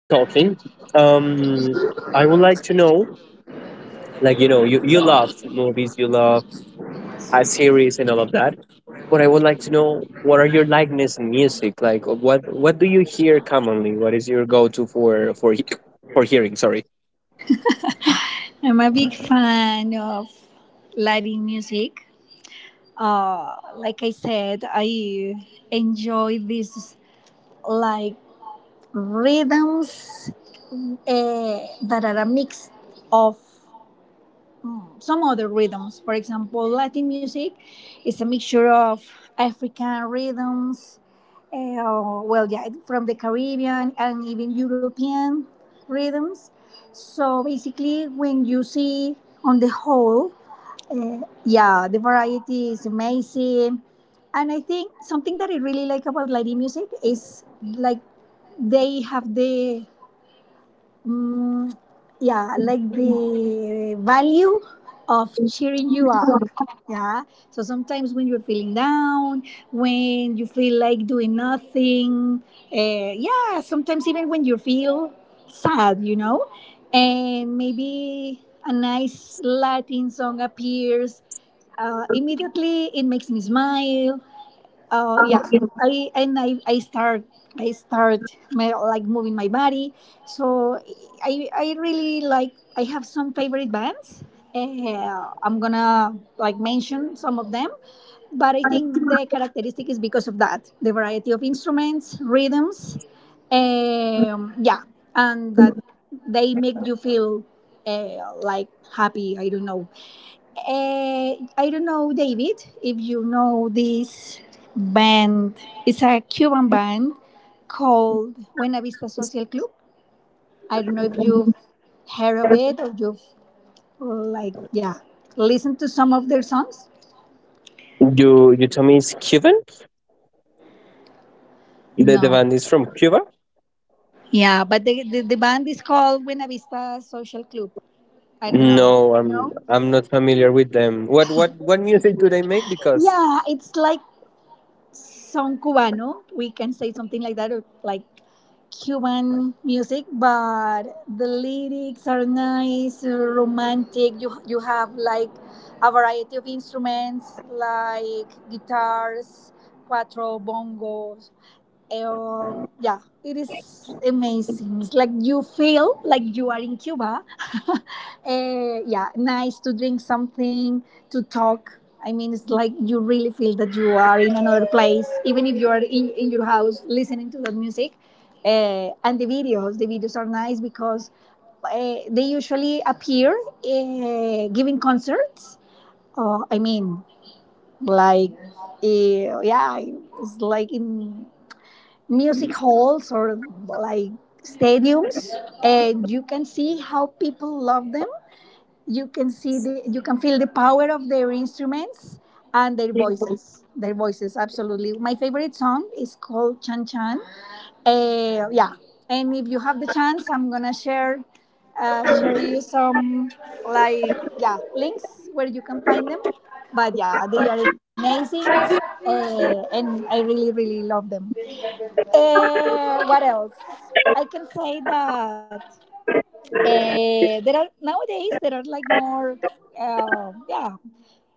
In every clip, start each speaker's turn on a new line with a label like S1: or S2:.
S1: been talking, I would like to know, you love movies, you love series, and all of that. But I would like to know, what are your likeness in music? Like, what do you hear commonly? What is your go to for for hearing? Sorry,
S2: I'm a big fan of Latin music. Like I said, I enjoy these like rhythms that are a mix of some other rhythms. For example, Latin music is a mixture of African rhythms, yeah, from the Caribbean and even European rhythms. So basically, when you see on the whole yeah, the variety is amazing. And I think something that I really like about Latin music is like they have the Mm, yeah, like the value of cheering you up. Yeah. So sometimes when you're feeling down, when you feel like doing nothing, yeah, sometimes even when you feel sad, and maybe a nice Latin song appears, immediately it makes me smile. uh yeah I start. I start my, like moving my body. So I really like, I have some favorite bands. I'm gonna like mention some of them, but I think the characteristic is because of that, the variety of instruments, rhythms, um yeah and that they make you feel like happy, I don't know. I don't know, David, if you know this band. It's a Cuban band called Buena Vista Social Club. I don't know if you've heard of it or you've, like, yeah, listened to some of their songs.
S1: you tell me it's Cuban. The
S2: No.
S1: band is from Cuba.
S2: Yeah, but the band is called Buena Vista Social Club. I don't know.
S1: No, I'm
S2: No?
S1: I'm not familiar with them. What music do they make? Because
S2: Yeah, it's like son cubano. We can say something like that, or like Cuban music, but the lyrics are nice, romantic. You have like a variety of instruments like guitars, cuatro, bongos, yeah, it is amazing. It's like you feel like you are in Cuba. Yeah, nice to drink something, to talk. I mean, it's like you really feel that you are in another place, even if you are in your house listening to that music. And the videos are nice because they usually appear giving concerts. Oh, I mean, like, yeah, it's like in music halls or like stadiums, and you can see how people love them. You can see the you can feel the power of their instruments and their voices. Their voices absolutely, my favorite song is called Chan Chan. Yeah, and if you have the chance, I'm gonna share share you some like yeah, links where you can find them. But yeah, they are amazing, and I really, really love them. What else? I can say that there are, nowadays there are like more uh, yeah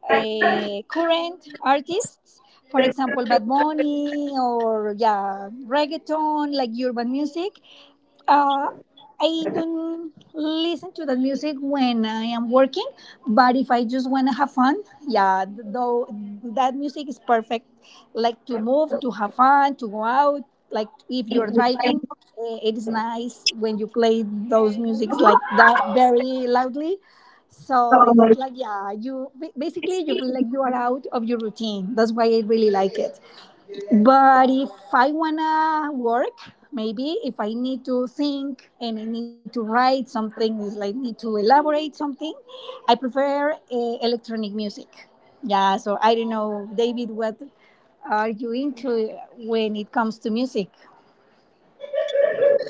S2: current artists, for example, Bad Bunny, or yeah, reggaeton, like urban music. uh, I don't listen to the music when I am working, but if I just want to have fun, yeah, though that music is perfect, like to move, to have fun, to go out. Like if you're driving, it is nice when you play those musics like that very loudly. So it's like yeah, you basically you feel like you are out of your routine. That's why I really like it. But if I wanna work, maybe if I need to think and I need to write something, is like need to elaborate something, I prefer electronic music. Yeah, so I don't know, David, what are you into when it comes to music?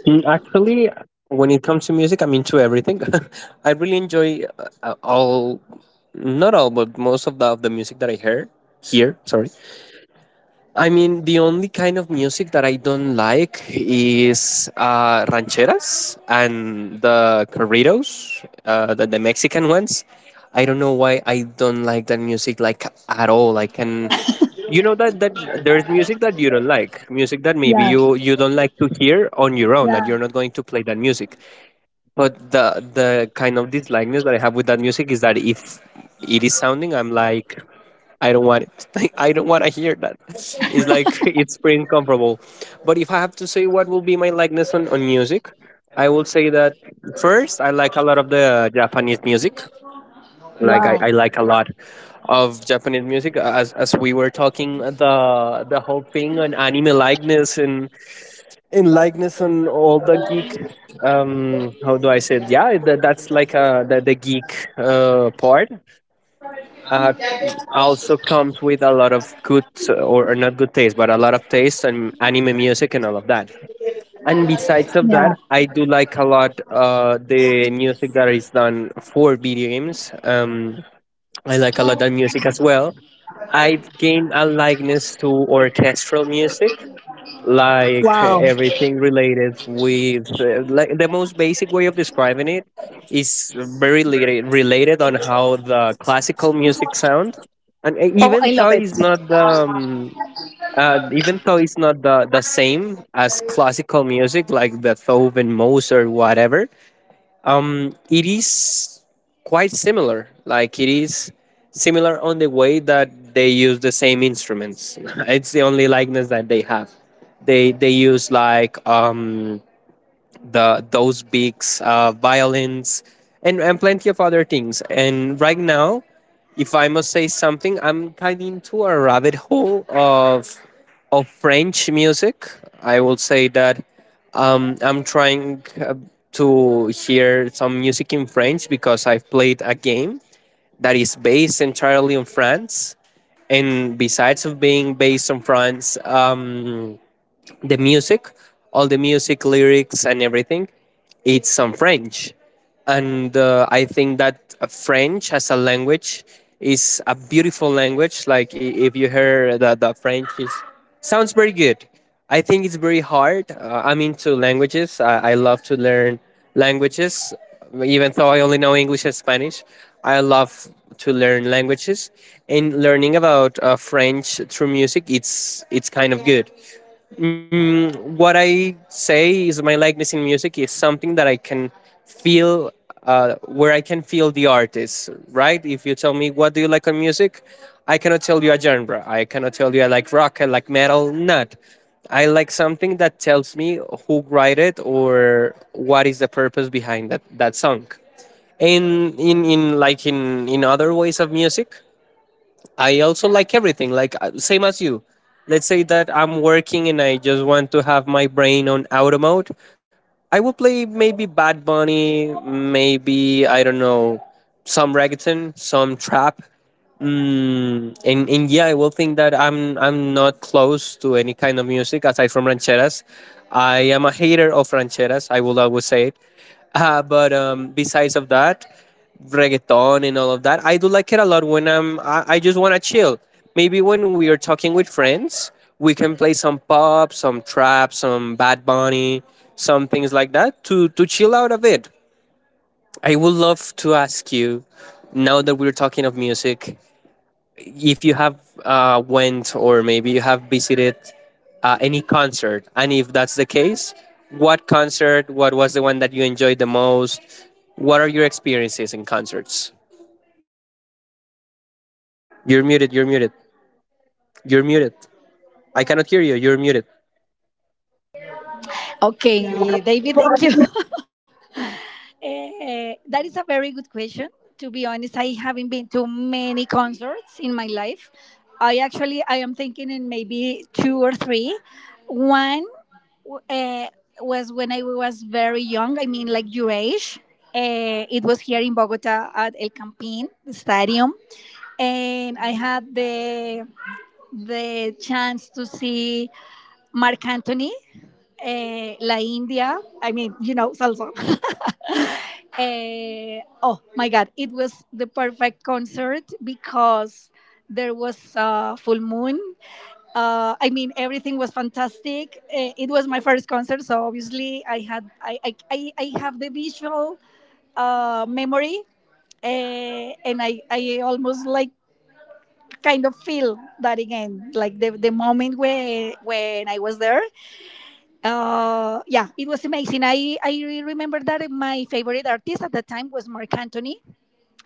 S1: mm, actually, when it comes to music, I'm into everything. I really enjoy all, not all, but most of the music that I hear. Here, sorry. I mean, the only kind of music that I don't like is rancheras and the corridos, the Mexican ones. I don't know why I don't like that music like at all. I can, you know that there's music that you don't like, music that maybe
S2: Yeah,
S1: you don't like to hear on your own, that
S2: yeah.
S1: you're not going to play that music. But the kind of dislikeness that I have with that music is that if it is sounding, I'm like, I don't want it. I don't want to hear that. It's like it's pretty uncomfortable. But if I have to say what will be my likeness on music, I will say that first, I like a lot of the Japanese music. Like
S2: Wow.
S1: I like a lot of Japanese music as we were talking the whole thing on anime likeness and likeness on all the geek um, how do I say it? Yeah, that's like the geek part uh also comes with a lot of good or not good taste but a lot of taste and anime music and all of that. And besides of
S2: Yeah,
S1: that, I do like a lot the music that is done for video games. I like a lot of music as well. I've gained a likeness to orchestral music, like
S2: wow.
S1: everything related with like the most basic way of describing it is very related, related on how the classical music sounds. And
S2: Oh, I
S1: even
S2: love
S1: though
S2: it.
S1: it's not the even though it's not the same as classical music like Beethoven, Mozart, whatever, it is quite similar. Like it is similar on the way that they use the same instruments. It's the only likeness that they have. They use like the those beaks, violins, and plenty of other things. And right now, if I must say something, I'm kind of into a rabbit hole of French music. I will say that I'm trying to hear some music in French because I've played a game that is based entirely on France. And besides of being based on France, the music, all the music lyrics and everything, it's some French, and I think that French as a language is a beautiful language. Like if you hear that the French is sounds very good. I think it's very hard. I'm into languages. I love to learn languages, even though I only know English and Spanish. I love to learn languages, and learning about French through music, it's kind of good. Mm, what I say is my likeness in music is something that I can feel, where I can feel the artist, right? If you tell me what do you like on music, I cannot tell you a genre. I cannot tell you I like rock, I like metal, not. I like something that tells me who write it or what is the purpose behind that song. And in other ways of music, I also like everything, like same as you. Let's say that I'm working and I just want to have my brain on auto mode. I will play maybe Bad Bunny, maybe I don't know, some reggaeton, some trap. Mm, and yeah, I will think that I'm not close to any kind of music aside from rancheras. I am a hater of rancheras. I will always say it. But besides of that, reggaeton and all of that. I do like it a lot when I just want to chill. Maybe when we are talking with friends, we can play some pop, some trap, some Bad Bunny, some things like that to chill out a bit. I would love to ask you now that we're talking of music, if you have went or maybe you have visited any concert, and if that's the case, what concert? What was the one that you enjoyed the most? What are your experiences in concerts? You're muted. You're muted. You're muted. I cannot hear you. You're muted.
S2: Okay, David, thank you. That is a very good question. To be honest, I haven't been to many concerts in my life. I actually I am thinking in maybe two or three. One uh, was when I was very young. I mean, like your age. It was here in Bogota at El Campín Stadium, and I had the chance to see Marc Anthony, La India. I mean, you know, salsa. Oh my God, it was the perfect concert because there was a full moon. I mean, everything was fantastic. It was my first concert, so obviously I had I have the visual memory, and I almost like kind of feel that again, like the moment where when I was there. Yeah it was amazing. I remember that my favorite artist at the time was Marc Anthony.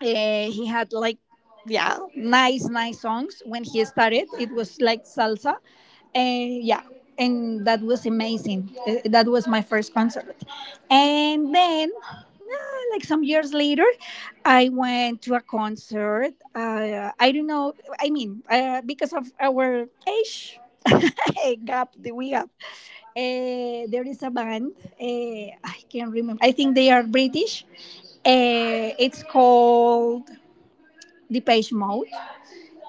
S2: He had like yeah, nice songs when he started. It was like salsa. And yeah, and that was amazing. That was my first concert. And then like some years later, I went to a concert. I don't know, I mean, because of our age gap that we have, there is a band. I can't remember, I think they are British. It's called the Page Mode.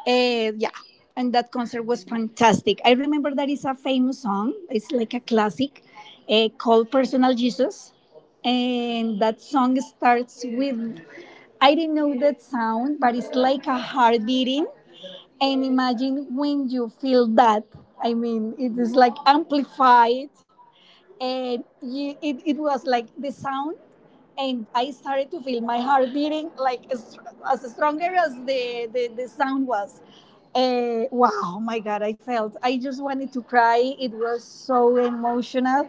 S2: Yeah, and that concert was fantastic. I remember that is a famous song. It's like a classic called "Personal Jesus," and that song starts with, I didn't know that sound, but it's like a heart beating. And imagine when you feel that. I mean, it is like amplified, and it was like the sound, and I started to feel my heart beating like as stronger as the sound was. Wow, my God, I felt. I just wanted to cry. It was so emotional.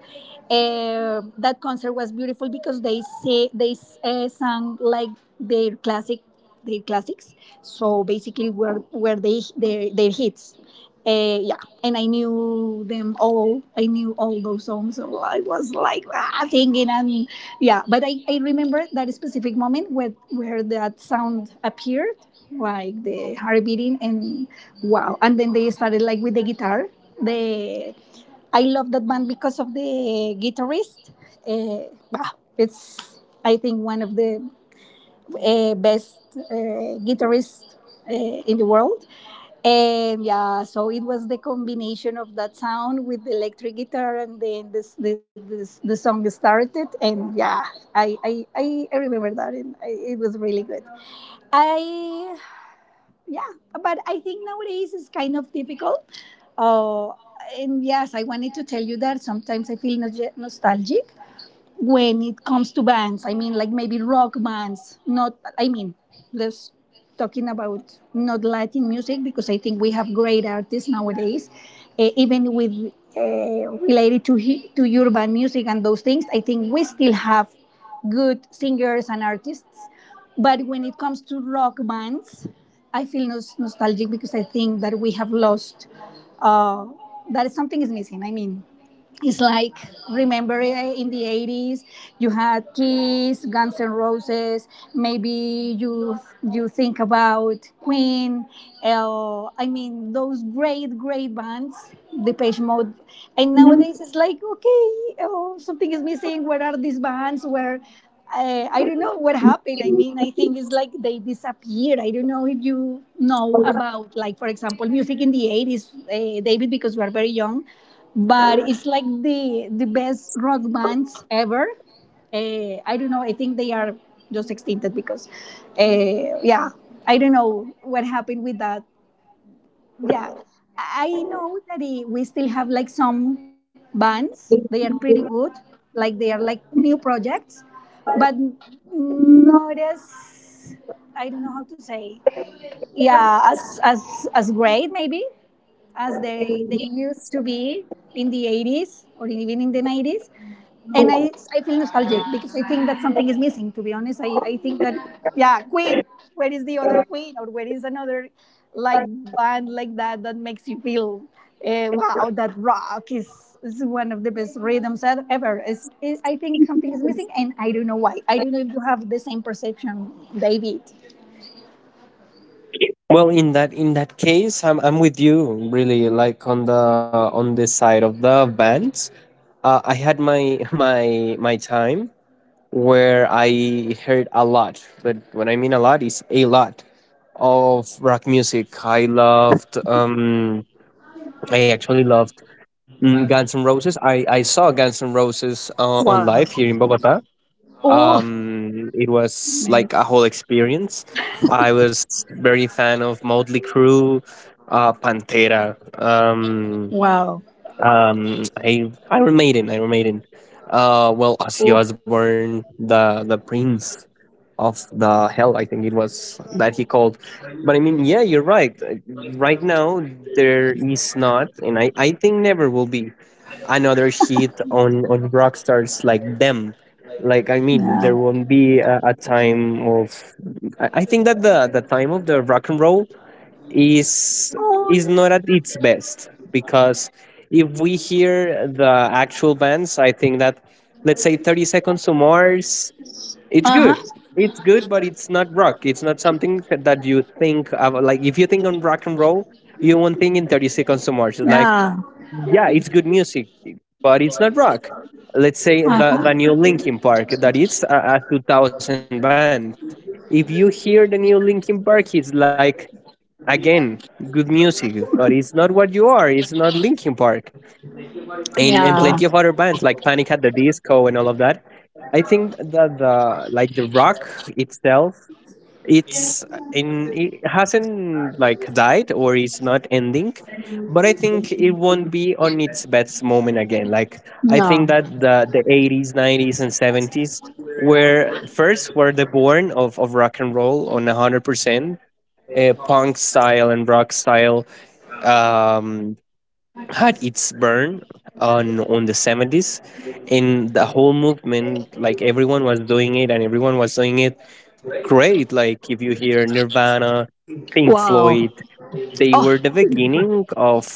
S2: That concert was beautiful because they say they sang like their classic, their classics. So basically, were they their hits. Yeah, and I knew them all. I knew all those songs, so I was like, ah, thinking and yeah. But I remember that specific moment where that sound appeared, like the heart beating, and wow! And then they started like with the guitar. The I love that band because of the guitarist. Wow, it's, I think one of the best guitarist uh, in the world. And yeah, so it was the combination of that sound with the electric guitar, and then this the song started. And yeah, I remember that, and I, it was really good. I yeah, but I think nowadays it's kind of difficult. Uh, and yes, I wanted to tell you that sometimes I feel nostalgic when it comes to bands. I mean, like maybe rock bands, not, I mean, let's talking about not Latin music, because I think we have great artists nowadays. Even with uh, related to to urban music and those things, I think we still have good singers and artists. But when it comes to rock bands, I feel nostalgic because I think that we have lost uh, that, something is missing. I mean, it's like, remember in the 80s, you had Kiss, Guns N' Roses. Maybe you think about Queen. I mean, those great bands, Depeche Mode. And nowadays it's like, okay, oh, something is missing. Where are these bands? Where I don't know what happened. I mean, I think it's like they disappeared. I don't know if you know about, like, for example, music in the 80s, David, because we are very young, but it's like the best rock bands ever. I don't know. I think they are just extincted because, yeah, I don't know what happened with that. Yeah, I know that, we still have like some bands. They are pretty good. Like they are like new projects, but not as, I don't know how to say. Yeah, as as great maybe as they used to be in the 80s or even in the 90s. And I feel nostalgic because I think that something is missing, to be honest. I think that, yeah, Queen, where is the other Queen? Or where is another like band like that that makes you feel, wow, that rock is one of the best rhythms ever. I think something is missing and I don't know why. I don't know if you have the same perception, David.
S1: Well, in that case, I'm with you really, like on the side of the bands. I had my my time where I heard a lot, but when I mean a lot is a lot of rock music. I loved I actually loved mm, Guns N' Roses. I saw Guns N' Roses on live here in Bogota.
S2: Oh,
S1: It was like a whole experience. I was very fan of Motley Crue, Pantera,
S2: wow.
S1: I Iron Maiden, Iron Maiden. Ozzy
S2: Oh,
S1: Osbourne, the Prince of the Hell, I think it was that he called. But I mean, yeah, you're right. Right now, there is not, and I think never will be another hit on rock stars like them, like I mean there
S2: yeah.
S1: won't be a time of I think that the time of the rock and roll is not at its best because if we hear the actual bands I think that, let's say, 30 seconds to mars, it's good, it's good, but it's not rock. It's not something that you think of, like if you think on rock and roll you won't think in 30 seconds to mars. It's like
S2: Yeah.
S1: yeah, it's good music but it's not rock. Let's say
S2: Uh-huh.
S1: the new Linkin Park, that it's a 2000 band. If you hear the new Linkin Park, it's like, again, good music, but it's not what you are. It's not Linkin Park. And
S2: Yeah.
S1: plenty of other bands like Panic at the Disco and all of that. I think that the like the rock itself, it's in it hasn't like died or it's not ending, but I think it won't be on its best moment again. Like I
S2: Yeah.
S1: think that the 80s, 90s, and 70s were first, were the born of rock and roll on 100%. Punk style and rock style um, had its burn on the 70s, and the whole movement, like everyone was doing it and everyone was doing it great. Like if you hear Nirvana, Pink
S2: Wow.
S1: Floyd, they
S2: Oh,
S1: were the beginning of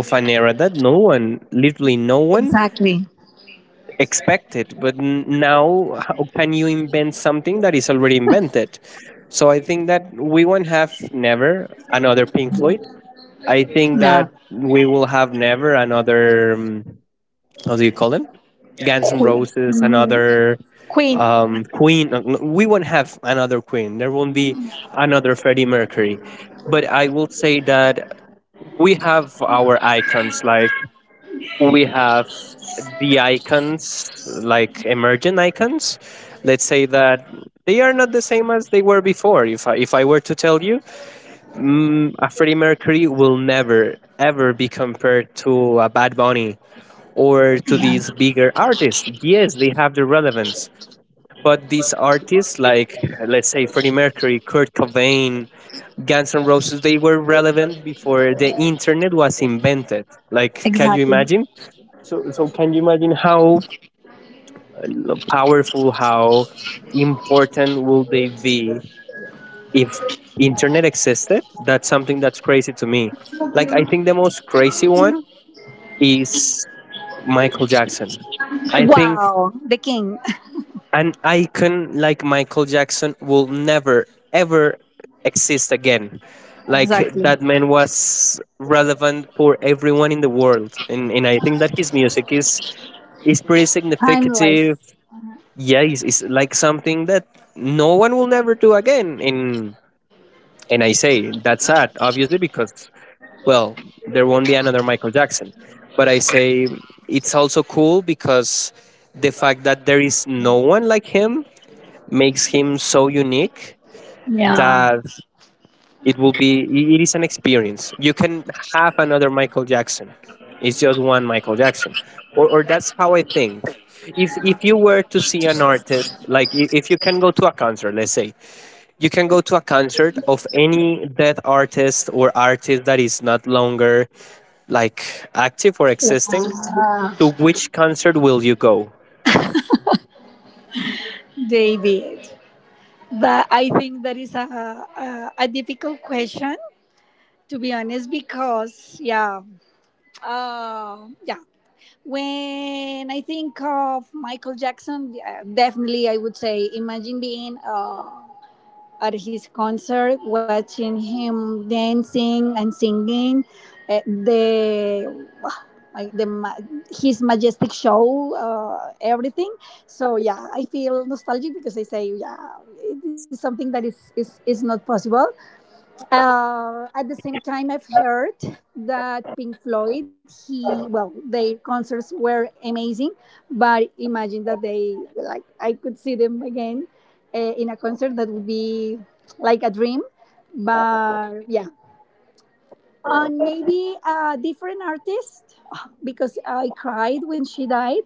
S1: an era that no one, literally no one,
S2: exactly.
S1: expected. But now, how can you invent something that is already invented? So I think that we won't have never another Pink Floyd. I think
S2: Yeah.
S1: that we will have never another. How do you call them? Guns N'
S2: Queen.
S1: Roses, another
S2: Queen.
S1: Queen. No, We won't have another Queen. There won't be another Freddie Mercury. But I will say that we have our icons. Like we have the icons, like emergent icons. Let's say that they are not the same as they were before. If I were to tell you, mm, a Freddie Mercury will never ever be compared to a Bad Bunny or to
S2: Yeah.
S1: these bigger artists. Yes, they have the relevance, but these artists, like let's say Freddie Mercury, Kurt Cobain, Guns N' Roses, they were relevant before the internet was invented. Like, can you
S2: Exactly.
S1: imagine? So can you imagine how powerful, how important will they be if internet existed? That's something that's crazy to me. Like, I think the most crazy one is Michael Jackson. I think
S2: Wow. The king.
S1: an icon like Michael Jackson will never, ever exist again. Like
S2: Exactly.
S1: that man was relevant for everyone in the world, and I think that his music is pretty
S2: Timeless.
S1: significative. Yeah, it's like something that no one will never do again. And I say that's sad, obviously, because well, there won't be another Michael Jackson. But I say it's also cool because the fact that there is no one like him makes him so unique
S2: Yeah.
S1: that it will be it is an experience you can have another Michael Jackson. It's just one Michael Jackson, or that's how I think. If you were to see an artist if you can go to a concert, let's say, you can go to a concert of any dead artist or artist that is not longer like active or existing,
S2: Uh,
S1: to which concert will you go?
S2: David. That I think that is a a difficult question, to be honest, because yeah, uh, yeah when I think of Michael Jackson, definitely I would say, imagine being at his concert, watching him dancing and singing, the like his majestic show, everything. So yeah, I feel nostalgic because I say yeah, it is something that is not possible. At the same time, I've heard that Pink Floyd, he well, their concerts were amazing, but imagine that they like I could see them again in a concert. That would be like a dream. But yeah, and maybe a different artist, because I cried when she died,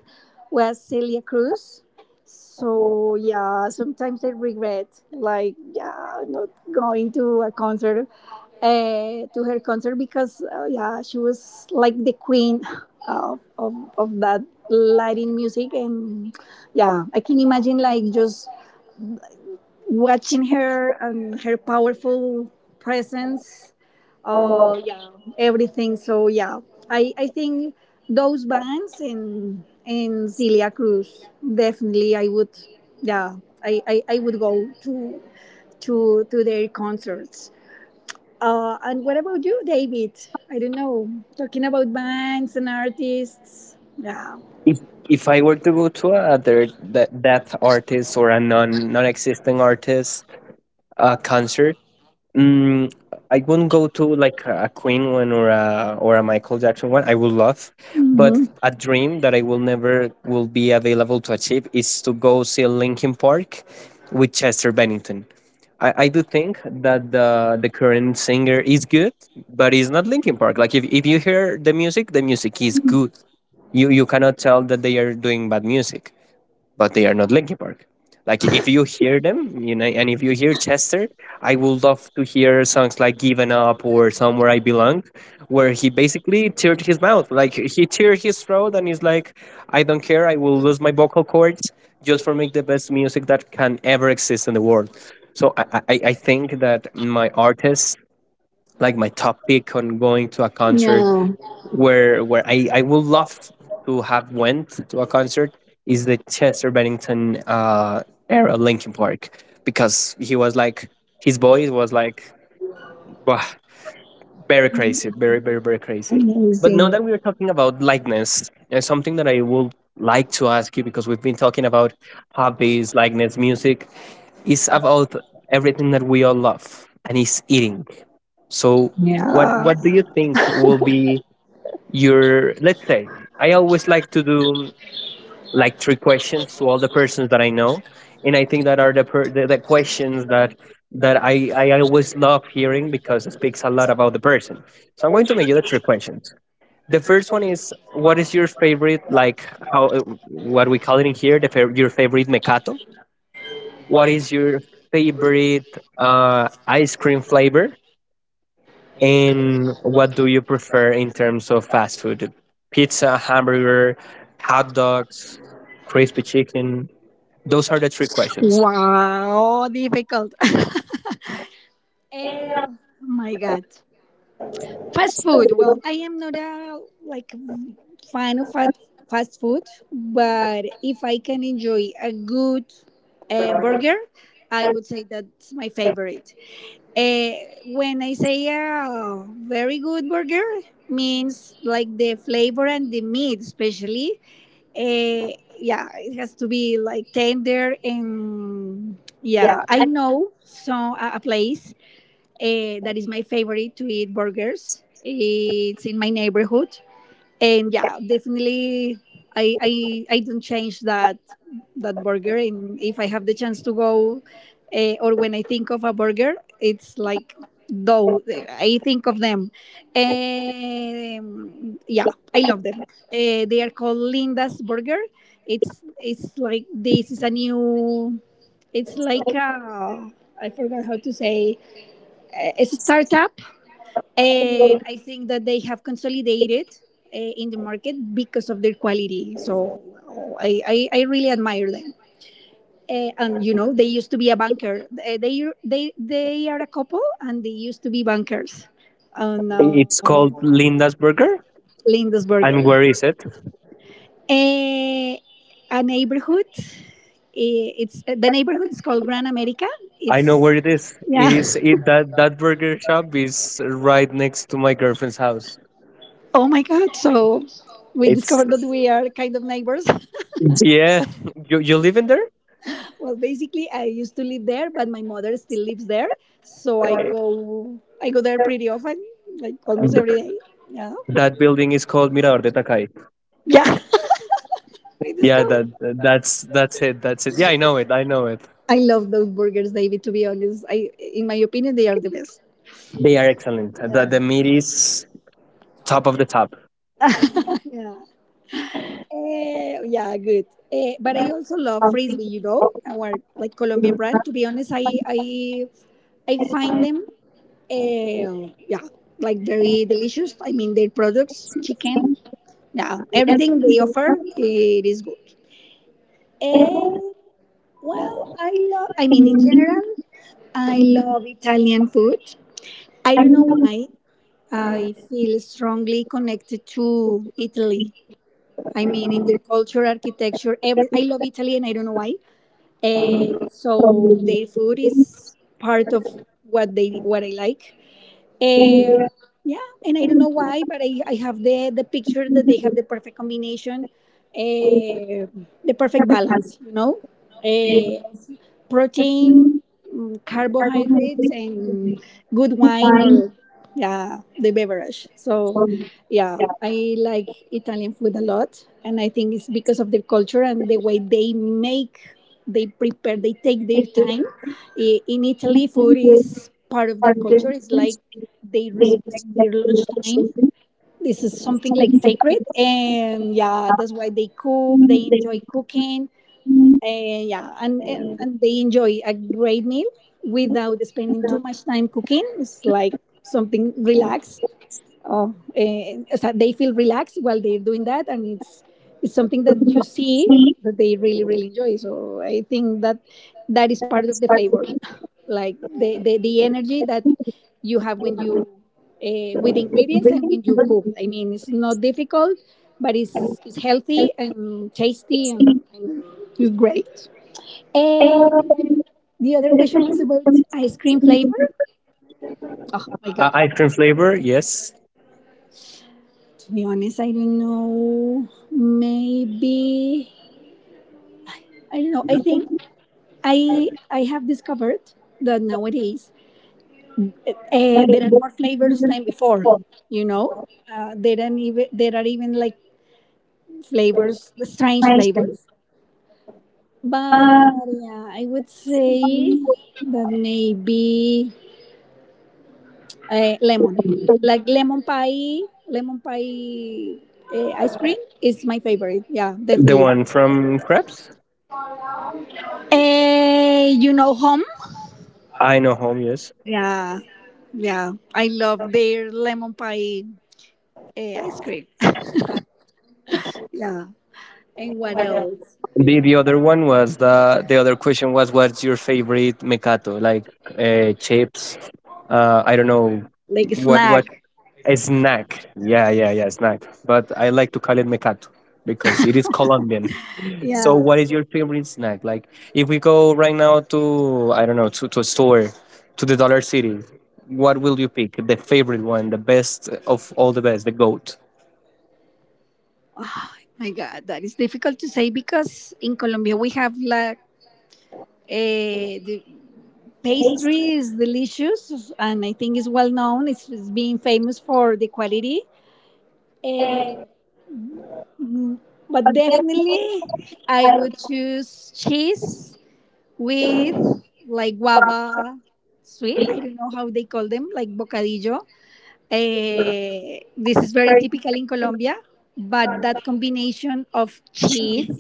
S2: was Celia Cruz. So yeah, sometimes I regret like not going to a concert to her concert because yeah, she was like the queen of, of, of that Latin music. And yeah, I can imagine like just watching her and her powerful presence, uh yeah everything. So yeah, I think those bands and Celia Cruz, definitely I would, yeah, I would go to to their concerts. And what about you, David? I don't know. Talking about bands and artists. Yeah.
S1: If if I were to go to a other that artist or a non existing artist concert, Mm, I wouldn't go to like a Queen one or a Michael Jackson one. I would love, but
S2: Hmm.
S1: a dream that I will never will be available to achieve is to go see Linkin Park with Chester Bennington. I do think that the current singer is good, but it's not Linkin Park. Like if you hear the music is good. You cannot tell that they are doing bad music, but they are not Linkin Park. Like if you hear them, you know, and if you hear Chester, I would love to hear songs like "Given Up" or "Somewhere I Belong," where he basically teared his mouth, like he teared his throat, and he's like, "I don't care, I will lose my vocal cords just for make the best music that can ever exist in the world." So I think that my artist, like my top pick on going to a concert,
S2: Yeah.
S1: where where I would love to have went to a concert is the Chester Bennington era Linkin Park because he was like his voice was like wow, very crazy, very crazy. But
S2: Amazing.
S1: now that we are talking about likeness, and something that I would like to ask you because we've been talking about hobbies, likeness, music, is about everything that we all love, and is eating. So what
S2: Yeah.
S1: what do you think will be your, let's say, I always like to do like three questions to all the persons that I know, and I think that are the questions that I always love hearing because it speaks a lot about the person. So I'm going to make you the three questions. The first one is what is your favorite, like, how, what we call it in here, your favorite mecato, what is your favorite ice cream flavor, and what do you prefer in terms of fast food? Pizza, hamburger, hot dogs, crispy chicken? Those are the three questions.
S2: Wow. Difficult. Oh my God. Fast food. Well, I am not a like fan of fast food, but if I can enjoy a good burger, I would say that's my favorite. Uh, when I say a very good burger, means like the flavor and the meat, especially. Uh, yeah, it has to be like tender and yeah. I know so a place that is my favorite to eat burgers. It's in my neighborhood, and yeah, definitely I don't change that that burger. And if I have the chance to go, or when I think of a burger, it's like though I think of them. Yeah, I love them. They are called Linda's Burger. It's like this is a new, it's like a, I forgot how to say, it's a startup. And I think that they have consolidated in the market because of their quality. So oh, I really admire them. And you know, they used to be a banker. They are a couple, and they used to be bankers. Oh
S1: It's
S2: no,
S1: called Linda's Burger.
S2: Lindisberger.
S1: And where is it?
S2: Uh, a neighborhood. It's the neighborhood is called Gran America.
S1: I know
S2: It's
S1: where it is.
S2: yeah.
S1: It is it, that burger shop is right next to my girlfriend's house.
S2: Oh my God! So we
S1: It's
S2: discovered that we are kind of neighbors.
S1: yeah. You live in there?
S2: Well, basically, I used to live there, but my mother still lives there, so I go there pretty often, like almost every
S1: Th-
S2: day. Yeah,
S1: That building is called Mirador de Takay.
S2: yeah. I
S1: Yeah,
S2: discovered.
S1: that's it. That's it. Yeah, I know it. I know it.
S2: I love those burgers, David. To be honest, I in my opinion, they are the best.
S1: They are excellent.
S2: Yeah,
S1: The meat is top of the top.
S2: yeah. Yeah. Good. But I also love Frisbee. You know, our like Colombian brand. To be honest, I I find them. Yeah, like very delicious. I mean, their products, chicken, now everything they offer, it is good. And well, I love. I mean, in general, I love Italian food. I don't know why. I feel strongly connected to Italy. I mean, in their culture, architecture, every. I love Italy, and I don't know why. So their food is part of what they what I like. Eh, yeah, and I don't know why, but I have the picture that they have the perfect combination, eh, the perfect balance, you know? Eh, Protein, carbohydrates,
S1: Carbohydrates
S2: and good wine
S1: combine
S2: or, yeah, the beverage.
S1: so
S2: So, yeah,
S1: yeah,
S2: I like Italian food a lot. And I think it's because of the culture and the way they make, they prepare, they take
S1: like
S2: their
S1: it
S2: time. In Italy, food
S1: with
S2: is part of their culture. It's like
S1: carbohydrates
S2: they
S1: they
S2: respect their
S1: reflect the
S2: lunchtime.
S1: relation
S2: This is something like
S1: something like
S2: sacred,
S1: that.
S2: and yeah,
S1: Uh,
S2: that's why they cook. They
S1: They
S2: enjoy cooking,
S1: can
S2: and yeah,
S1: uh,
S2: and they enjoy a great meal without
S1: the
S2: spending too much time cooking. It's like something relaxed. Oh, so they feel relaxed while they're doing that, and it's something that you see
S1: protein
S2: that they really really enjoy. So I think that that is part
S1: that's
S2: of the flavor,
S1: carbohydrate.
S2: like the energy that you have when you with ingredients and when you cook. I mean, it's not difficult, but it's healthy and tasty and it's great. And the other question was about ice cream flavor. Oh my God.
S1: Ice cream flavor, yes.
S2: To be honest, I don't know. Maybe I don't know. I think I have discovered that nowadays there are more flavors than before. You know, there are even like flavors, strange flavors. But yeah, I would say that maybe lemon, like lemon pie ice cream is my favorite. Yeah,
S1: The
S2: definitely.
S1: one from Krebs?
S2: You know, home.
S1: I know home, yes.
S2: Yeah, yeah. I love their lemon pie ice cream. Yeah. And what else?
S1: The other one was the other question was what's your favorite mecato? Like chips? I don't know
S2: Like
S1: what
S2: snack.
S1: a snack. Yeah, yeah, yeah, snack. But I like to call it mecato because it is Colombian. So,
S2: Yeah.
S1: what is your favorite snack? Like, if we go right now to, I don't know, to a store, to the Dollar City, what will you pick? The favorite one, the best of all the best, the goat.
S2: My God, that is difficult to say because in Colombia we have like the pastry is delicious, and I think it's well known. It's being famous for the quality. Eh, mm, but definitely, I would choose cheese with like guava sweet. I don't know how they call them, like bocadillo. Eh, this is very typical in Colombia, but that combination of cheese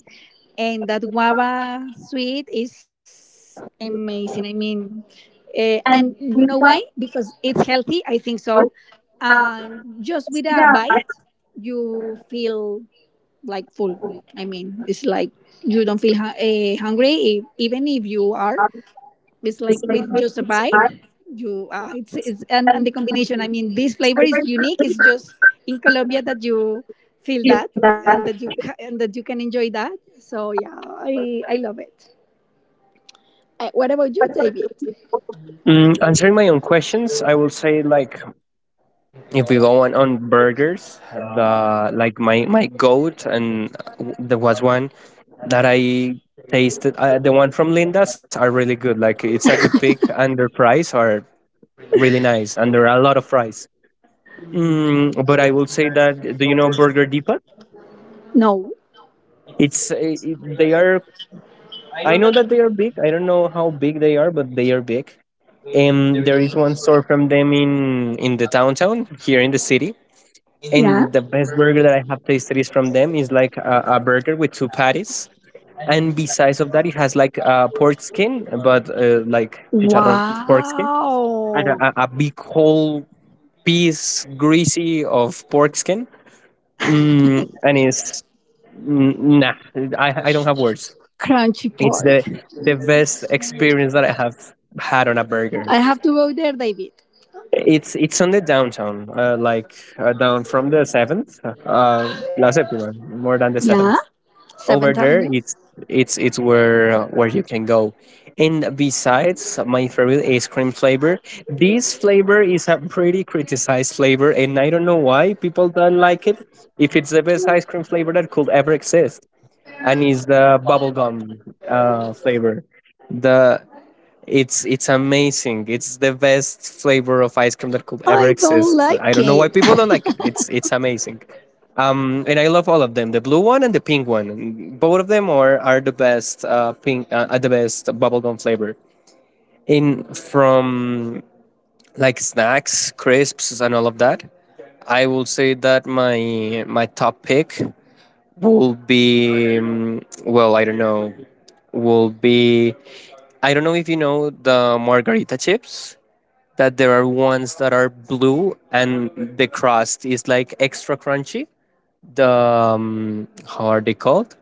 S2: and that guava sweet is amazing. I mean, and you know why? Because it's healthy. I think so. And just with a bite, you feel like full. I mean, it's like you don't feel hungry if, even if you are, it's
S1: This
S2: like
S1: may
S2: with
S1: take
S2: just a
S1: his
S2: bite.
S1: life
S2: You it's,
S1: and
S2: and the combination. I mean, this flavor is unique. It's just in Colombia that you feel
S1: in
S2: that
S1: that
S2: and that you and that you can enjoy that. So yeah, I love it. What about you,
S1: whatever you
S2: David?
S1: do, answering my own questions, I will say like if we go on burgers, the like my goat and there was one that I tasted. The one from Linda's are really good. Like it's a good pick, and their fries are really nice, and there are a lot of fries. But I will say that, do you know Burger Depot?
S2: No.
S1: It's it, they are I know that they are big. I don't know how big they are, but they are big. And there is one store from them in the downtown here in the city.
S2: Yeah.
S1: And the best burger that I have tasted is from them is like a burger with two patties, and besides of that, it has like a pork skin, but like chicharrón pork skin, and
S2: Wow.
S1: a big whole piece greasy of pork skin. Mm, and it's mm, nah, I don't have words.
S2: Crunchy
S1: It's
S2: pork.
S1: the best experience that I have had on a burger.
S2: I have to go there, David.
S1: It's on the downtown, like down from the seventh, La Séptima, more than the
S2: Yeah.
S1: seventh.
S2: Can't
S1: Over there,
S2: Avenue.
S1: it's where you can go. And besides, my favorite ice cream flavor. This flavor is a pretty criticized flavor, and I don't know why people don't like it. If it's the best ice cream flavor that could ever exist, and it's the bubblegum flavor
S2: I don't
S1: the
S2: like it.
S1: it's amazing. It's the best flavor of ice cream that could ever exist. I don't know why people don't like it. It's amazing. And I love all of them, the blue one and the pink one. And both of them are the best pink, are the best bubblegum flavor. In from like snacks, crisps, and all of that, I will say that my top pick will be well, I don't know, will be I don't know if you know the margarita chips, that there are ones that are blue and the crust is like extra crunchy. The how are they called?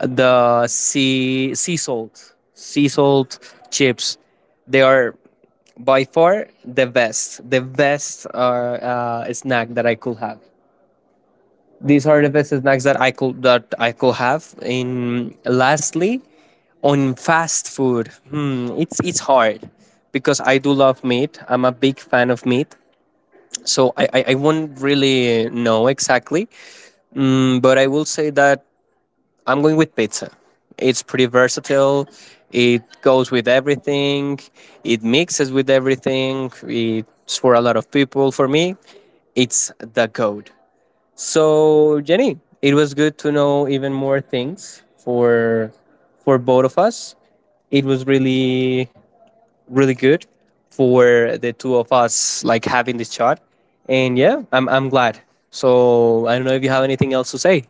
S1: The sea salt chips. They are by far the best snack that I could have. These are the best snacks that I could have. In lastly, on fast food, hmm, it's hard because I do love meat. I'm a big fan of meat. So I won't really know exactly, but I will say that I'm going with pizza. It's pretty versatile. It goes with everything. It mixes with everything. It's for a lot of people. For me, it's the code. So Jenny, it was good to know even more things for both of us. It was really really good for the two of us like having this chat, and I'm glad, so I don't know if you have anything else to say.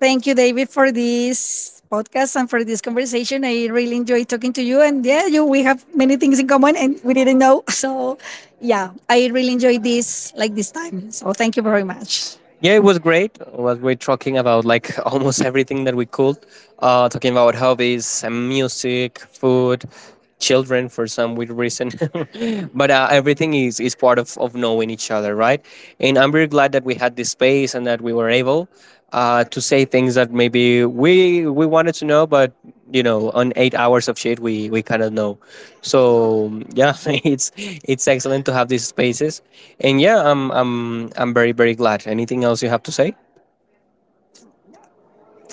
S1: Thank you, David, for this podcast and for this conversation. I really enjoyed talking to you. And yeah, you we have many things in common and we didn't know. So yeah, I really enjoyed this like this time. So thank you very much. Yeah, it was great. It was great talking about like almost everything that we could. Talking about hobbies and music, food, children for some weird reason. But everything is part of knowing each other, right? And I'm very glad that we had this space and that we were able to say things that maybe we wanted to know, but you know, on 8 hours of shit, we kind of know. So yeah, it's excellent to have these spaces, and yeah, I'm very very glad. Anything else you have to say?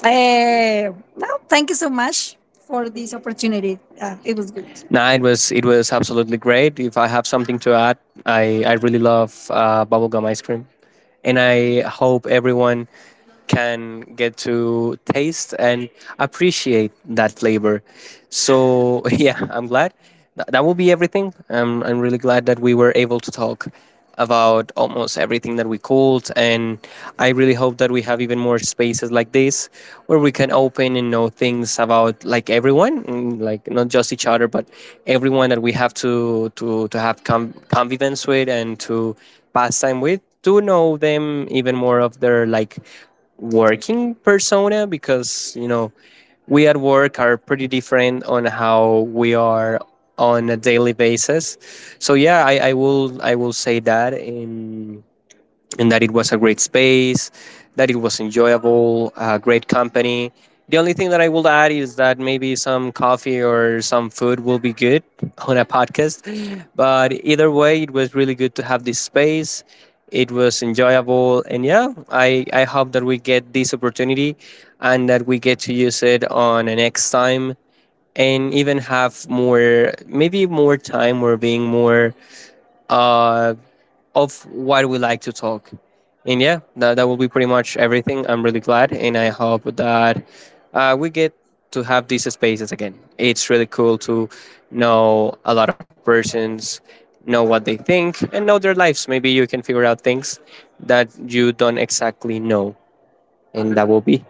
S1: No, thank you so much for this opportunity. It was good. No, it was absolutely great. If I have something to add, I really love bubblegum ice cream, and I hope everyone can get to taste and appreciate that flavor. So yeah, I'm glad. That will be everything. I'm really glad that we were able to talk about almost everything that we called, and I really hope that we have even more spaces like this where we can open and know things about like everyone like not just each other but everyone that we have to to have convivence with, and to pass time with to know them even more of their like working persona because you know we at work are pretty different on how we are on a daily basis. So I will say that in and that it was a great space, that it was enjoyable, a great company. The only thing that I will add is that maybe some coffee or some food will be good on a podcast. But either way, it was really good to have this space. It was enjoyable. And yeah, I hope that we get this opportunity and that we get to use it on a next time and even have more, maybe more time or being more uh, of what we like to talk. And yeah, that, that will be pretty much everything. I'm really glad, and I hope that we get to have these spaces again. It's really cool to know a lot of persons, know what they think, and know their lives. Maybe you can figure out things that you don't exactly know, and that will be